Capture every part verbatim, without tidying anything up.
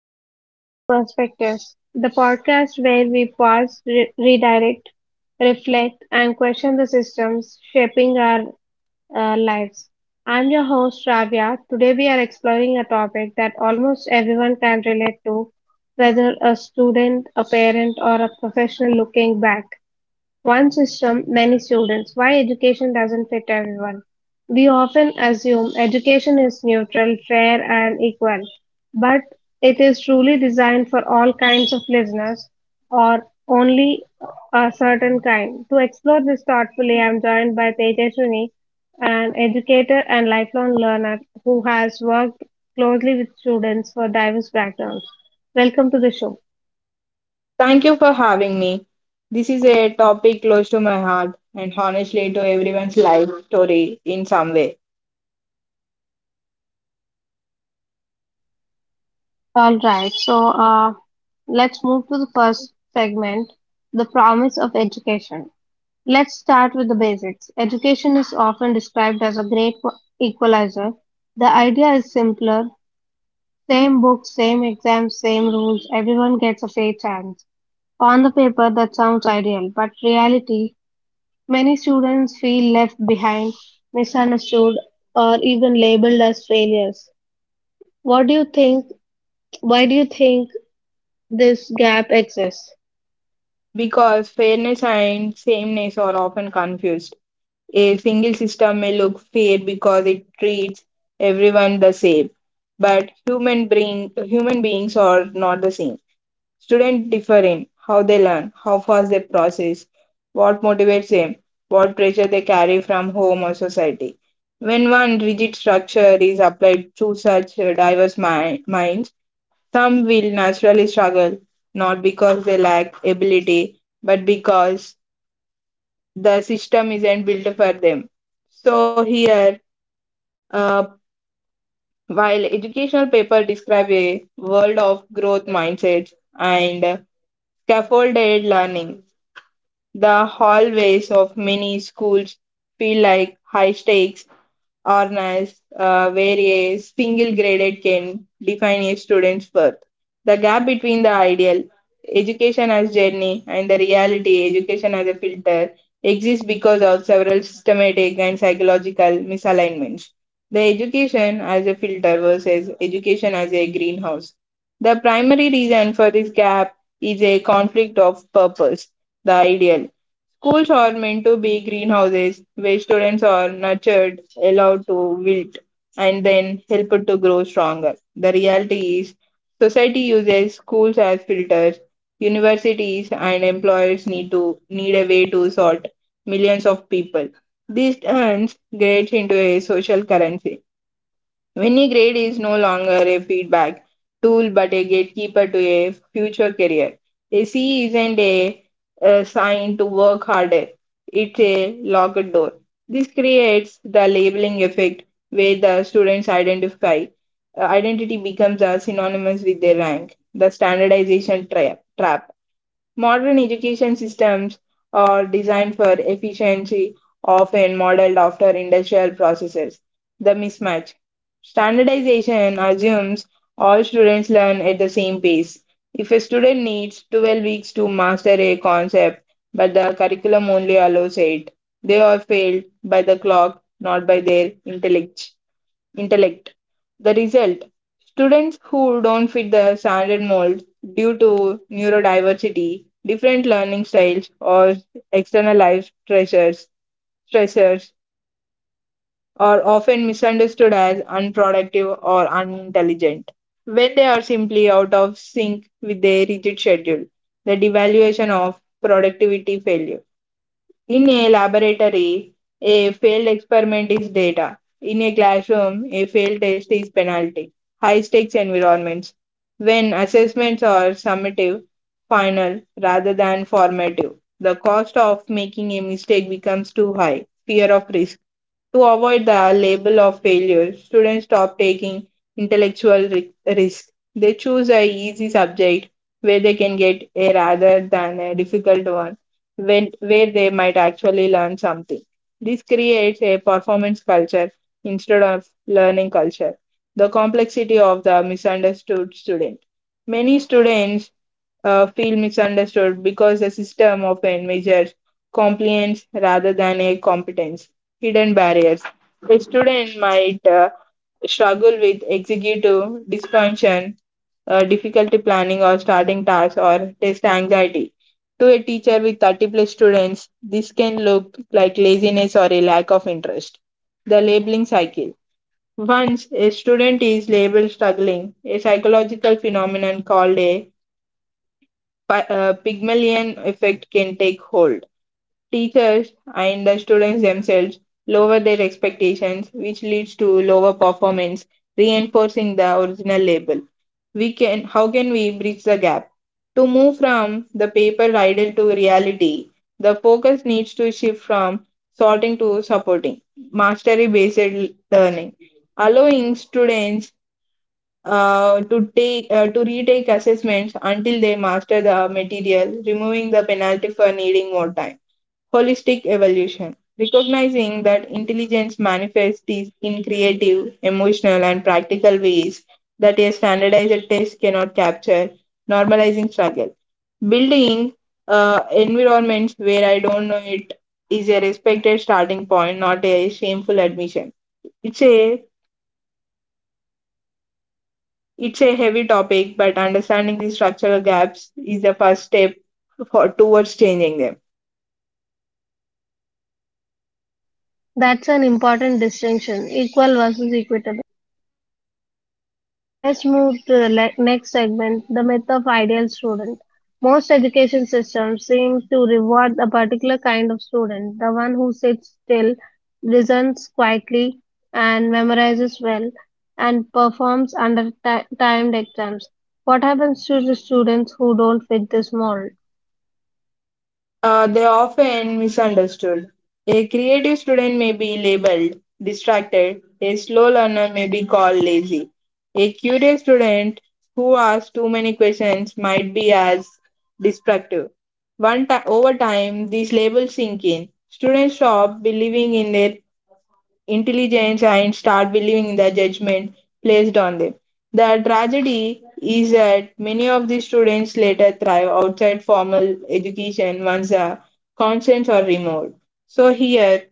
Welcome back to Perspectives, the podcast where we pause, re- redirect, reflect, and question the systems shaping our uh, lives. I'm your host, Ravya. Today, we are exploring a topic that almost everyone can relate to, whether a student, a parent, or a professional looking back. One system, many students. Why education doesn't fit everyone. We often assume education is neutral, fair, and equal, but it is truly designed for all kinds of listeners or only a certain kind. To explore this thoughtfully, I'm joined by Tejaswini, an educator and lifelong learner who has worked closely with students for diverse backgrounds. Welcome to the show. Thank you for having me. This is a topic close to my heart and honestly to everyone's life story in some way. All right, so uh, let's move to the first segment, the promise of education. Let's start with the basics. Education is often described as a great equalizer. The idea is simpler: same books, same exams, same rules, everyone gets a fair chance. On the paper, that sounds ideal, but reality, many students feel left behind, misunderstood, or even labeled as failures. What do you think? Why do you think this gap exists? Because fairness and sameness are often confused. A single system may look fair because it treats everyone the same, but human, bring, human beings are not the same. Students differ in how they learn, how fast they process, what motivates them, what pressure they carry from home or society. When one rigid structure is applied to such uh, diverse mi- minds, some will naturally struggle, not because they lack ability, but because the system isn't built for them. So, here, uh, while educational paper describe a world of growth mindsets and scaffolded learning. The hallways of many schools feel like high stakes arnas, uh, where a single grade can define a student's worth. The gap between the ideal education as journey and the reality education as a filter exists because of several systematic and psychological misalignments. The education as a filter versus education as a greenhouse. The primary reason for this gap is a conflict of purpose. The ideal: schools are meant to be greenhouses where students are nurtured, allowed to wilt, and then helped to grow stronger. The reality is, society uses schools as filters. Universities and employers need to need a way to sort millions of people. This turns grades into a social currency. Winning grade is no longer a feedback tool but a gatekeeper to a future career. A C isn't a, a sign to work harder, it's a locked door. This creates the labeling effect where the students identify uh, identity becomes a synonymous with their rank, the standardization tra- trap. Modern education systems are designed for efficiency, often modeled after industrial processes. The mismatch. Standardization assumes all students learn at the same pace. If a student needs twelve weeks to master a concept, but the curriculum only allows eight, they are failed by the clock, not by their intellect intellect. The result: students who don't fit the standard mold due to neurodiversity, different learning styles, or external life pressures, stressors, are often misunderstood as unproductive or unintelligent when they are simply out of sync with their rigid schedule. The devaluation of productivity failure. In a laboratory, a failed experiment is data. In a classroom, a failed test is penalty. High stakes environments. When assessments are summative, final, rather than formative, the cost of making a mistake becomes too high. Fear of risk. To avoid the label of failure, students stop taking intellectual ri- risk. They choose a easy subject where they can get a rather than a difficult one when, where they might actually learn something. This creates a performance culture instead of learning culture. The complexity of the misunderstood student. Many students uh, feel misunderstood because the system often measures compliance rather than a competence. Hidden barriers. A student might uh, struggle with executive dysfunction, uh, difficulty planning or starting tasks, or test anxiety. To a teacher with thirty plus students, this can look like laziness or a lack of interest. The labeling cycle. Once a student is labeled struggling, a psychological phenomenon called a pi- uh, Pygmalion effect can take hold. Teachers and the students themselves lower their expectations, which leads to lower performance, reinforcing the original label. We can, how can we bridge the gap? To move from the paper idol to reality, the focus needs to shift from sorting to supporting, mastery based learning, allowing students uh, to take uh, to retake assessments until they master the material, removing the penalty for needing more time. Holistic evolution. Recognizing that intelligence manifests is in creative, emotional, and practical ways that a standardized test cannot capture, normalizing struggle. Building uh, environments where I don't know it is a respected starting point, not a shameful admission. It's a It's a heavy topic, but understanding the structural gaps is the first step for, towards changing them. That's an important distinction, equal versus equitable. Let's move to the le- next segment, the myth of ideal student. Most education systems seem to reward a particular kind of student, the one who sits still, listens quietly, and memorizes well, and performs under ti timed exams. What happens to the students who don't fit this mold? Uh, they are often misunderstood. A creative student may be labeled distracted, a slow learner may be called lazy. A curious student who asks too many questions might be as destructive. One ti- over time, these labels sink in. Students stop believing in their intelligence and start believing in the judgment placed on them. The tragedy is that many of these students later thrive outside formal education once the concerns are removed. So here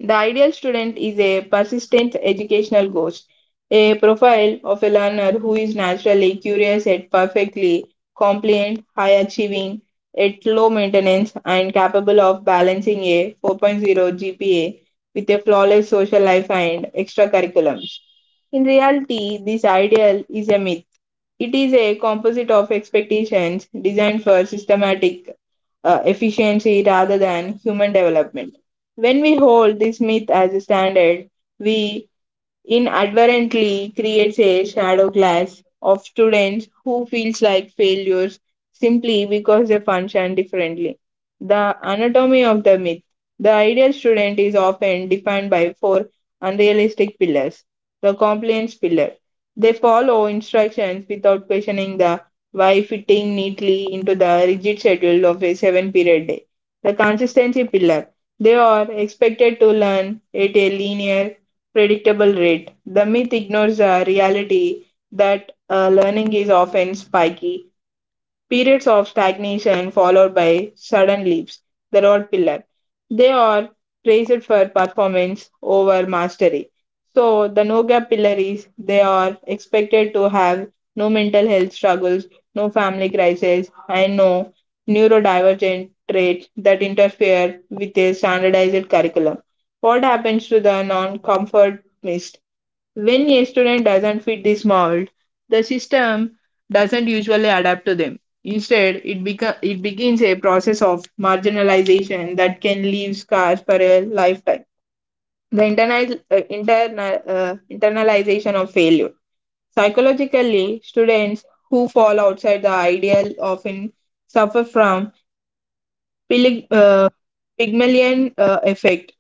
the ideal student is a persistent educational ghost, a profile of a learner who is naturally curious yet perfectly compliant, high achieving, at low maintenance, and capable of balancing a four point zero G P A with a flawless social life and extracurriculums. In reality, this ideal is a myth. It is a composite of expectations designed for systematic uh, efficiency rather than human development. When we hold this myth as a standard, we inadvertently creates a shadow class of students who feels like failures simply because they function differently. The anatomy of the myth. The ideal student is often defined by four unrealistic pillars. The compliance pillar. They follow instructions without questioning the why fitting neatly into the rigid schedule of a seven period day. The consistency pillar. They are expected to learn at a linear predictable rate. The myth ignores the reality that uh, learning is often spiky, periods of stagnation followed by sudden leaps, the road pillar. They are praised for performance over mastery. So the no gap pillaries, they are expected to have no mental health struggles, no family crisis, and no neurodivergent traits that interfere with a standardized curriculum. What happens to the non-conformist? When a student doesn't fit this mold, the system doesn't usually adapt to them. Instead, it, beca- it begins a process of marginalization that can leave scars for a lifetime. The internal, uh, internal, uh, internalization of failure. Psychologically, students who fall outside the ideal often suffer from pili- uh, Pygmalion uh, effect.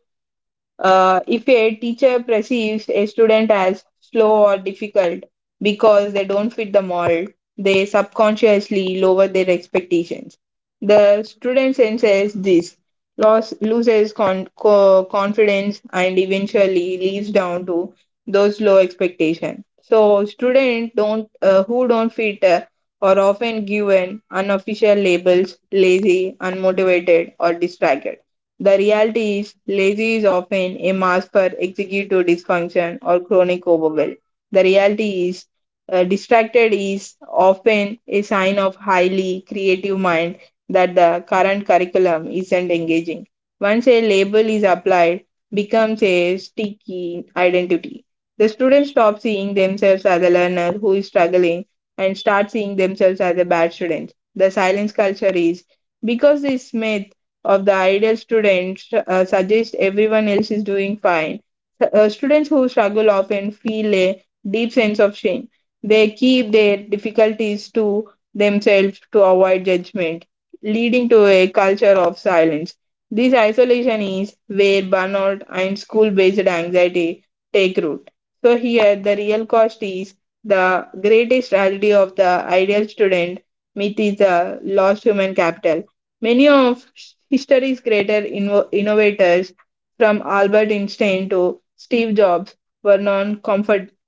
uh, if a teacher perceives a student as slow or difficult because they don't fit the mold, they subconsciously lower their expectations. The student senses this, loss, loses con- co- confidence, and eventually leaves down to those low expectations. So, students don't uh, who don't fit uh, are often given unofficial labels, lazy, unmotivated, or distracted. The reality is, lazy is often a mask for executive dysfunction or chronic overwhelm. The reality is, uh, distracted is often a sign of highly creative mind that the current curriculum isn't engaging. Once a label is applied, becomes a sticky identity. The student stops seeing themselves as a learner who is struggling and start seeing themselves as a bad student. The silence culture is because this myth of the ideal students uh, suggest everyone else is doing fine. Uh, students who struggle often feel a deep sense of shame. They keep their difficulties to themselves to avoid judgment, leading to a culture of silence. This isolation is where burnout and school based anxiety take root. So, here the real cost is the greatest tragedy of the ideal student myth is the lost human capital. Many of history's greater inno- innovators, from Albert Einstein to Steve Jobs, were non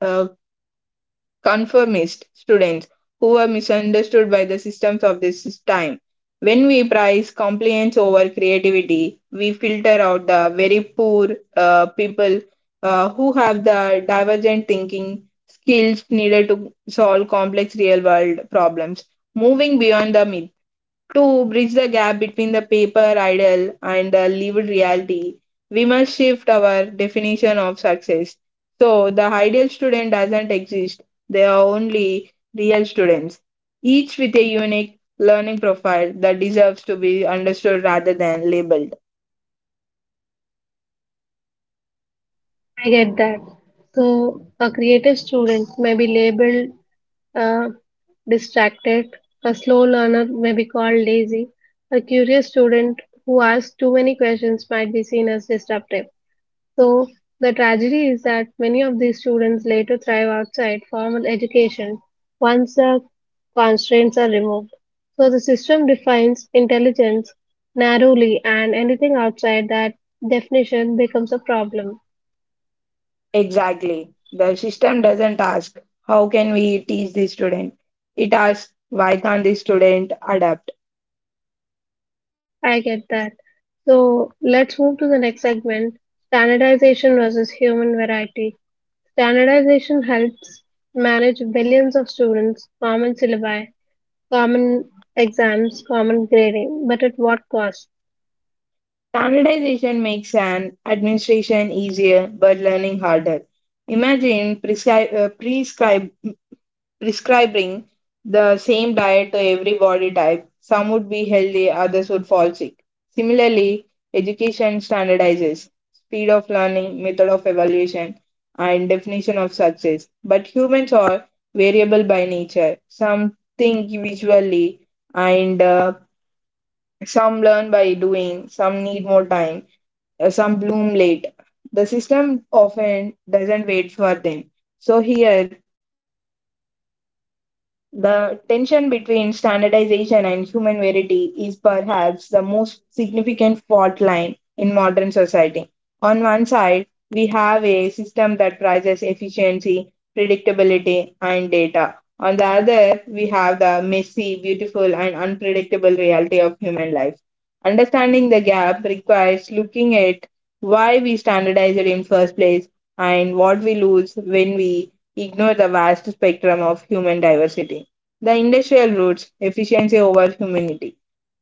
uh, conformist students who were misunderstood by the systems of this time. When we prize compliance over creativity, we filter out the very poor uh, people uh, who have the divergent thinking skills needed to solve complex real world problems. Moving beyond the myth to bridge the gap between the paper idol and the lived reality, we must shift our definition of success. So, the ideal student doesn't exist, they are only real students, each with a unique learning profile that deserves to be understood rather than labeled. I get that. So, a creative student may be labeled uh, distracted, a slow learner may be called lazy, a curious student who asks too many questions might be seen as disruptive. So, the tragedy is that many of these students later thrive outside formal education once the constraints are removed. So, the system defines intelligence narrowly, and anything outside that definition becomes a problem. Exactly. The system doesn't ask, how can we teach this student? It asks, why can't this student adapt? I get that. So let's move to the next segment, standardization versus human variety. Standardization helps manage billions of students, common syllabi, common exams, common grading, but at what cost? Standardization makes an administration easier but learning harder. Imagine prescri- uh, prescribe, prescribing the same diet to every body type. Some would be healthy, others would fall sick. Similarly, education standardizes speed of learning, method of evaluation, and definition of success. But humans are variable by nature. Some think visually, and uh, some learn by doing, some need more time, uh, some bloom late. The system often doesn't wait for them. So here the tension between standardization and human variety is perhaps the most significant fault line in modern society. On one side, we have a system that prizes efficiency, predictability, and data. On the other, we have the messy, beautiful, and unpredictable reality of human life. Understanding the gap requires looking at why we standardize it in first place and what we lose when we ignore the vast spectrum of human diversity. The industrial roots, efficiency over humanity.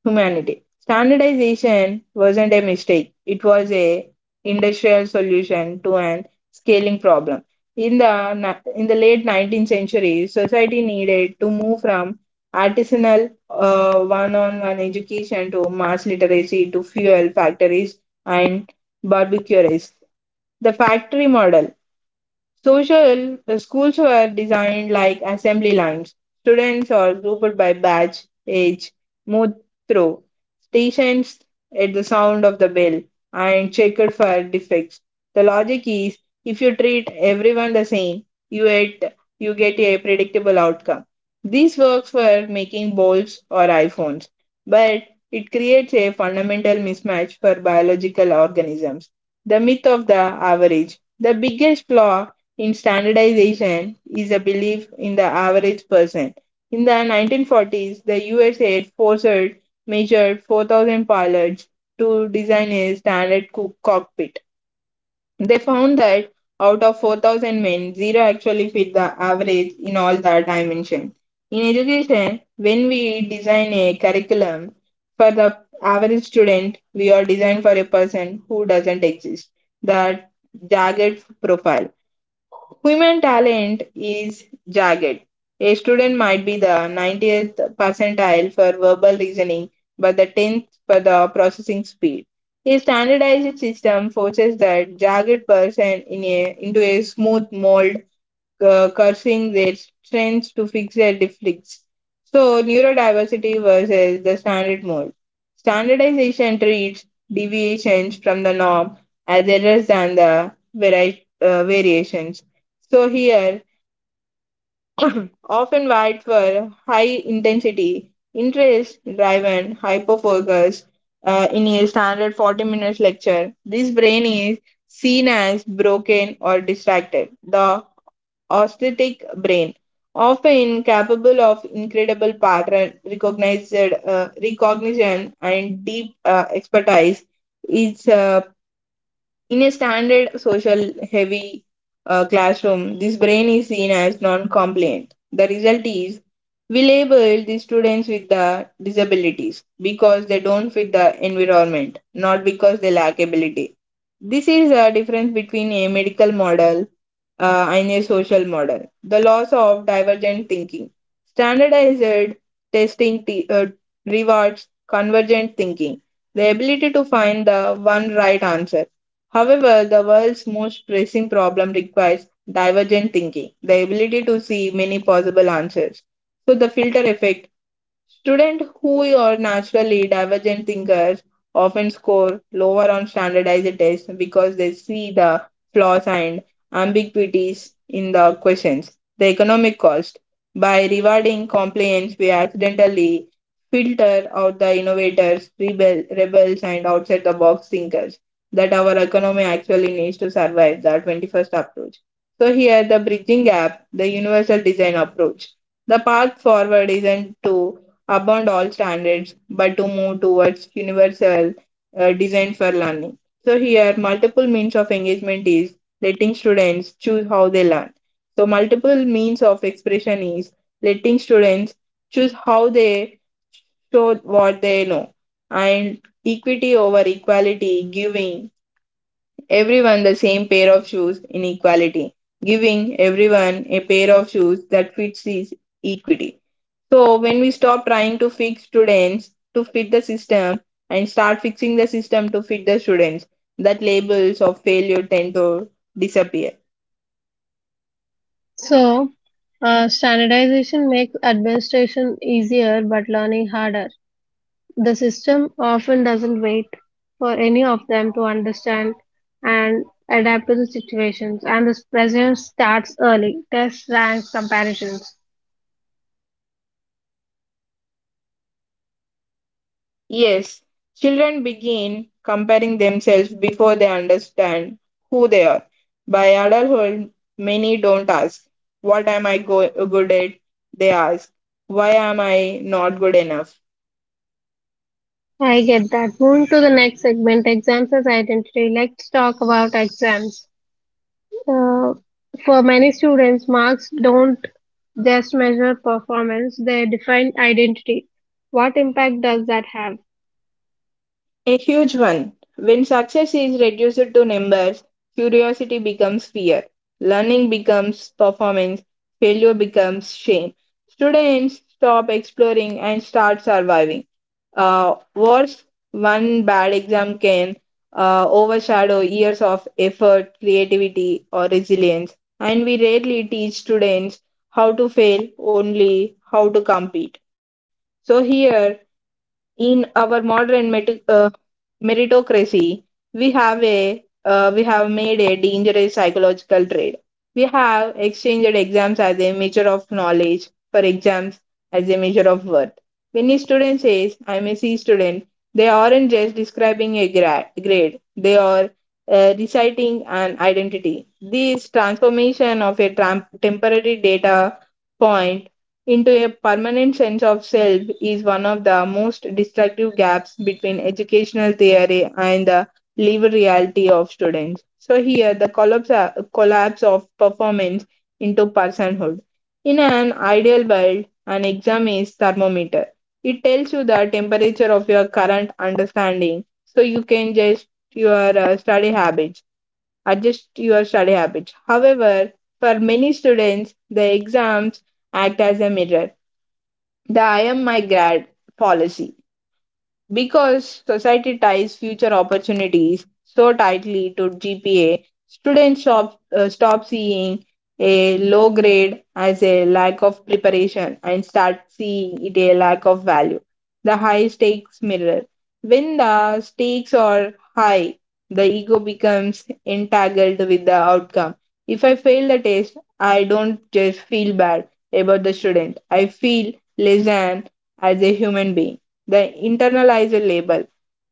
Humanity. Standardization wasn't a mistake. It was a industrial solution to an scaling problem. In the ni- in the late nineteenth century, society needed to move from artisanal uh, one-on-one education to mass literacy to fuel factories and barbecueries. The factory model. Social uh, schools were designed like assembly lines. Students are grouped by batch, age, moved through stations at the sound of the bell, and checked for defects. The logic is, if you treat everyone the same, you get, you get a predictable outcome. This works for making bulbs or iPhones, but it creates a fundamental mismatch for biological organisms. The myth of the average. The biggest flaw in standardization is a belief in the average person. In the nineteen forties, the U S Air Force measured four thousand pilots to design a standard co- cockpit. They found that out of four thousand men, zero actually fit the average in all the dimensions. In education, when we design a curriculum for the average student, we are designed for a person who doesn't exist. The jagged profile. Women talent is jagged. A student might be the ninetieth percentile for verbal reasoning, but the tenth for the processing speed. A standardized system forces that jagged person in a, into a smooth mold, uh, cursing their strengths to fix their defects. So, neurodiversity versus the standard mode. Standardization treats deviations from the norm as errors than the vari- uh, variations. So, here, often wide for high intensity, interest driven hyperfocus uh, in a standard forty minutes lecture. This brain is seen as broken or distracted. The aesthetic brain, often capable of incredible pattern recognized, uh, recognition and deep uh, expertise, is, uh, in a standard social heavy uh, classroom. This brain is seen as non-compliant. The result is we label the students with the disabilities because they don't fit the environment, not because they lack ability. This is a difference between a medical model uh, in a social model. The loss of divergent thinking. Standardized testing t- uh, rewards convergent thinking, the ability to find the one right answer. However, the world's most pressing problem requires divergent thinking, the ability to see many possible answers. So, the filter effect. Students who are naturally divergent thinkers often score lower on standardized tests because they see the flaws and ambiguities in the questions. The economic cost. By rewarding compliance, we accidentally filter out the innovators, rebel, rebels, and outside the box thinkers that our economy actually needs to survive the twenty-first approach. So, here the bridging gap, the universal design approach. The path forward isn't to abandoned all standards but to move towards universal uh, design for learning. So here multiple means of engagement is letting students choose how they learn. So multiple means of expression is letting students choose how they show what they know, and equity over equality, giving everyone the same pair of shoes inequality, giving everyone a pair of shoes that fits is equity. So when we stop trying to fix students to fit the system and start fixing the system to fit the students, that labels of failure tend to disappear. So, uh, standardization makes administration easier but learning harder. The system often doesn't wait for any of them to understand and adapt to the situations, and this pressure starts early. Test ranks comparisons. Yes, children begin comparing themselves before they understand who they are. By adulthood, many don't ask, "What am I go- good at?" They ask, "Why am I not good enough?" I get that. Moving to the next segment, exams as identity. Let's talk about exams. Uh, for many students, marks don't just measure performance, they define identity. What impact does that have? A huge one. When success is reduced to numbers, curiosity becomes fear, learning becomes performance, failure becomes shame. Students stop exploring and start surviving. Uh, worse, one bad exam can, uh, overshadow years of effort, creativity, or resilience. And we rarely teach students how to fail, only how to compete. So, here in our modern meti- uh, meritocracy, we have a uh, we have made a dangerous psychological trade. We have exchanged exams as a measure of knowledge for exams as a measure of worth. When a student says, "I'm a C student," they aren't just describing a gra- grade, they are, uh, reciting an identity. This transformation of a tram- temporary data point into a permanent sense of self is one of the most destructive gaps between educational theory and the lived reality of students. So here the collapse, collapse of performance into personhood. In an ideal world, an exam is thermometer. It tells you the temperature of your current understanding. So you can just your uh, study habits, adjust your study habits. However, for many students, the exams act as a mirror. The "I am my grad" policy. Because society ties future opportunities so tightly to G P A, students shop, uh, stop seeing a low grade as a lack of preparation and start seeing it a lack of value. The high stakes mirror. When the stakes are high, the ego becomes entangled with the outcome. If I fail the test, I don't just feel bad about the student, I feel less than as a human being. The internalizer label.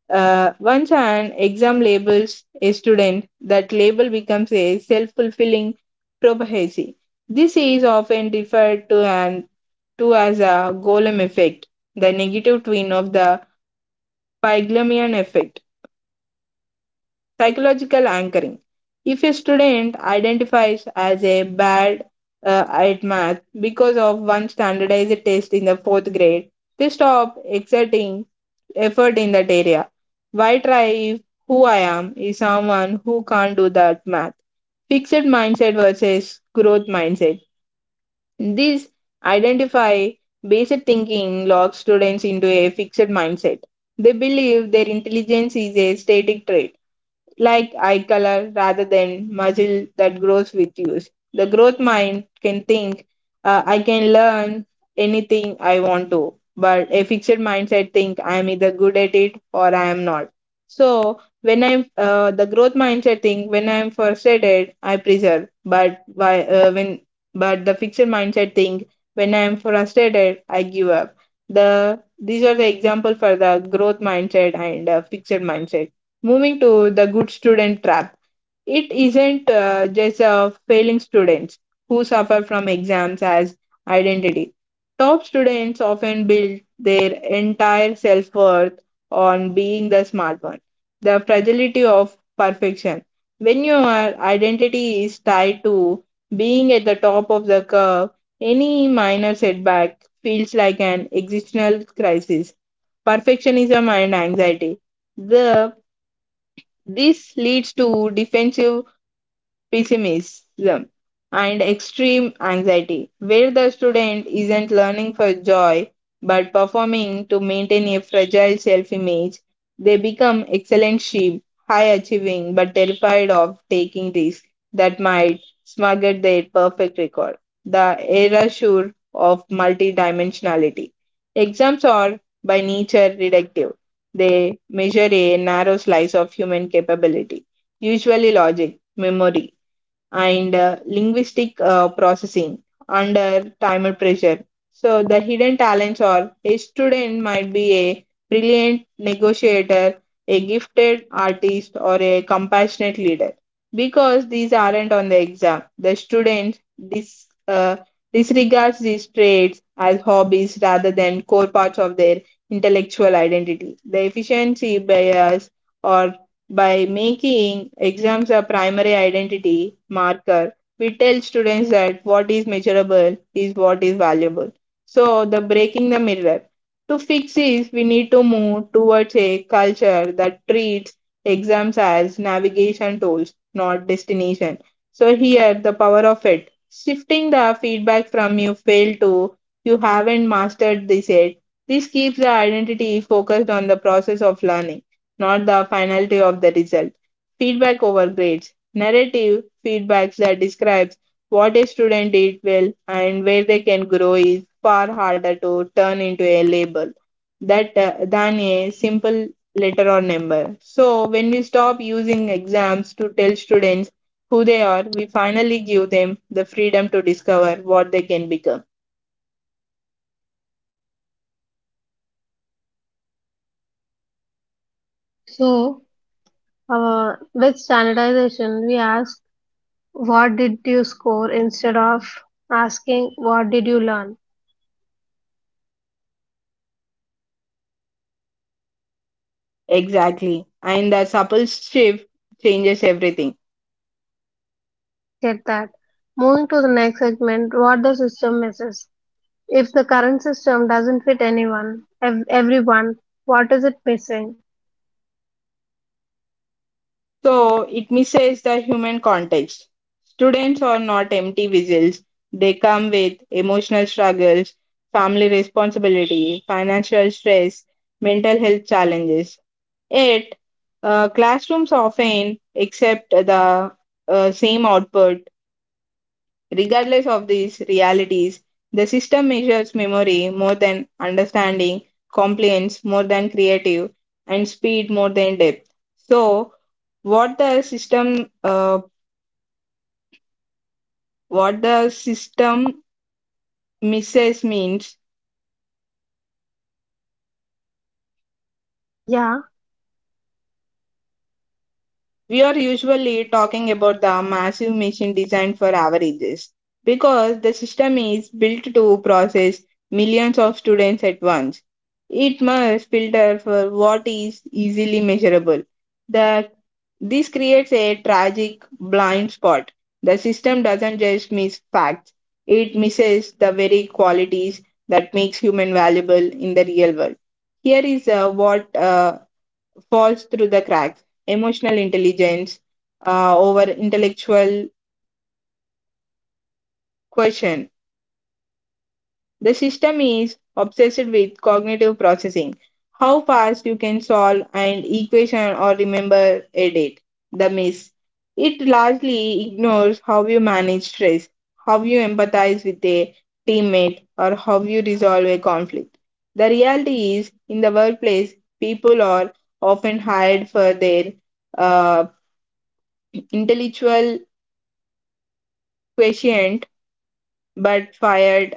Uh, once an exam labels a student, that label becomes a self-fulfilling prophecy. This is often referred to, an, to as a golem effect, the negative twin of the pygmalion effect. Psychological anchoring. If a student identifies as a bad, uh, at math because of one standardized test in the fourth grade, they stop exerting effort in that area. Why try if who I am is someone who can't do that math? Fixed mindset versus growth mindset. These identify basic thinking locks students into a fixed mindset. They believe their intelligence is a static trait like eye color rather than muscle that grows with use. The growth mind can think, uh, I can learn anything I want to, but a fixed mindset think I am either good at it or I am not. So when I'm uh, the growth mindset thing, when I'm frustrated, I preserve. But why uh, when but the fixed mindset thing, when I'm frustrated, I give up. The these are the example for the growth mindset and, uh, fixed mindset. Moving to the good student trap, it isn't uh, just uh, failing students who suffer from exams as identity. Top students often build their entire self worth on being the smart one. The fragility of perfection. When your identity is tied to being at the top of the curve, any minor setback feels like an existential crisis. Perfectionism and anxiety. The this leads to defensive pessimism, and extreme anxiety, where the student isn't learning for joy but performing to maintain a fragile self image. They become excellent sheep, high achieving but terrified of taking risks that might smother their perfect record. The erasure of multidimensionality. Exams are by nature reductive. They measure a narrow slice of human capability, usually logic, memory, and uh, linguistic uh, processing under time pressure. So, the hidden talents are a student might be a brilliant negotiator, a gifted artist, or a compassionate leader. Because these aren't on the exam, the student dis, uh, disregards these traits as hobbies rather than core parts of their intellectual identity. The efficiency bias, or by making exams a primary identity marker, we tell students that what is measurable is what is valuable. So, the breaking the mirror. To fix this, we need to move towards a culture that treats exams as navigation tools, not destination. So, here the power of it shifting the feedback from "you failed" to "you haven't mastered this yet." This keeps the identity focused on the process of learning not the finality of the result. Feedback over grades. Narrative feedbacks that describes what a student did well and where they can grow is far harder to turn into a label that, uh, than a simple letter or number. So when we stop using exams to tell students who they are, we finally give them the freedom to discover what they can become. So, uh, with standardization, we ask what did you score instead of asking what did you learn. Exactly. And the supple shift changes everything. I get that. Moving to the next segment, what the system misses. If the current system doesn't fit anyone, ev- everyone, what is it missing? So it misses the human context. Students are not empty vessels. They come with emotional struggles, family responsibility, financial stress, mental health challenges. Yet, uh, classrooms often accept the, uh, same output. Regardless of these realities, the system measures memory more than understanding, compliance more than creative, and speed more than depth. So, what the system uh, what the system misses means Yeah, we are usually talking about the massive machine designed for averages, because the system is built to process millions of students at once, it must filter for what is easily measurable. The This creates a tragic blind spot. The system doesn't just miss facts, it misses the very qualities that makes human valuable in the real world. Here is uh, what uh, falls through the cracks: emotional intelligence, uh, over intellectual question. The system is obsessed with cognitive processing, how fast you can solve an equation or remember a date. The miss. It largely ignores how you manage stress, how you empathize with a teammate, or how you resolve a conflict. The reality is, in the workplace, people are often hired for their, uh, intellectual quotient but fired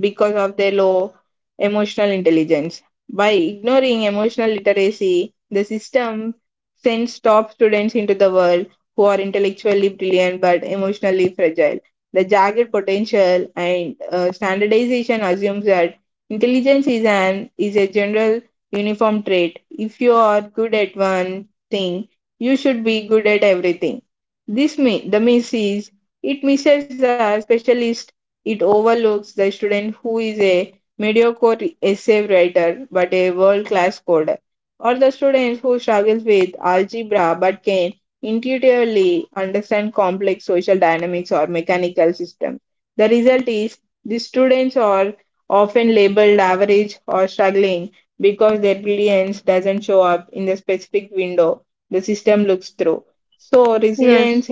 because of their low emotional intelligence. By ignoring emotional literacy, the system sends top students into the world who are intellectually brilliant but emotionally fragile. The jagged potential and, uh, standardization assumes that intelligence is an is a general uniform trait. If you are good at one thing, you should be good at everything. This mi- the miss is, it misses a specialist, it overlooks the student who is a mediocre essay writer but a world class coder, or the student who struggles with algebra but can intuitively understand complex social dynamics or mechanical systems. The result is these students are often labeled average or struggling because their brilliance doesn't show up in the specific window the system looks through. So, yes, resilience,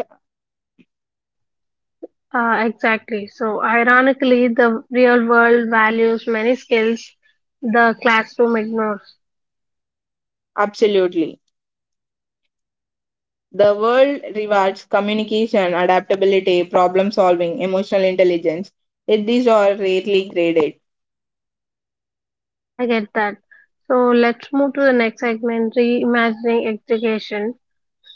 uh, exactly. So, ironically, the real world values many skills the classroom ignores. absolutely. The world rewards communication, adaptability, problem solving, emotional intelligence. Yet these are rarely graded. I get that. So, let's move to the next segment, reimagining education.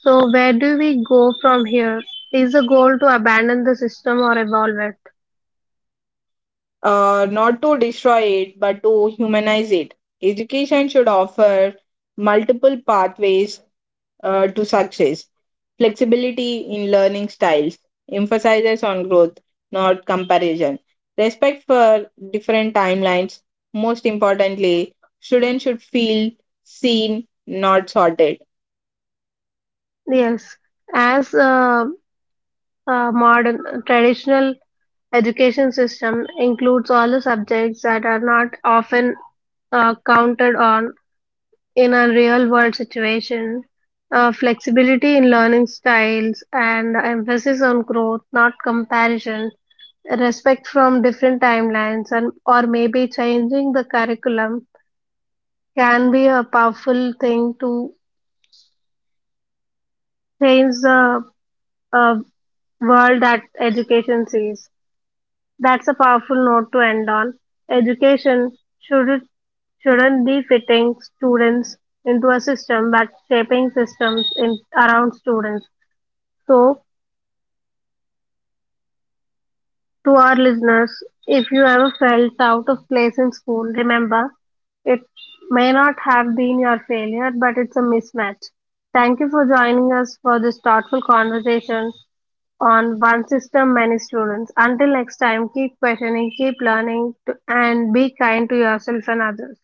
So, where do we go from here? Is the goal to abandon the system or evolve it? Uh, not to destroy it, but to humanize it. Education should offer multiple pathways uh, to success. Flexibility in learning styles, emphasizes on growth, not comparison. Respect for different timelines. Most importantly, students should feel seen, not sorted. Yes, as a, a modern traditional education system includes all the subjects that are not often uh, counted on in a real world situation. Uh, flexibility in learning styles and emphasis on growth, not comparison, respect from different timelines, and or maybe changing the curriculum can be a powerful thing to change the uh, world that education sees. That's a powerful note to end on. Education should shouldn't be fitting students into a system but shaping systems in around students. So to our listeners, if you ever felt out of place in school, remember it may not have been your failure, but it's a mismatch. Thank you for joining us for this thoughtful conversation on one system many students. Until next time, keep questioning, keep learning, to- and be kind to yourself and others.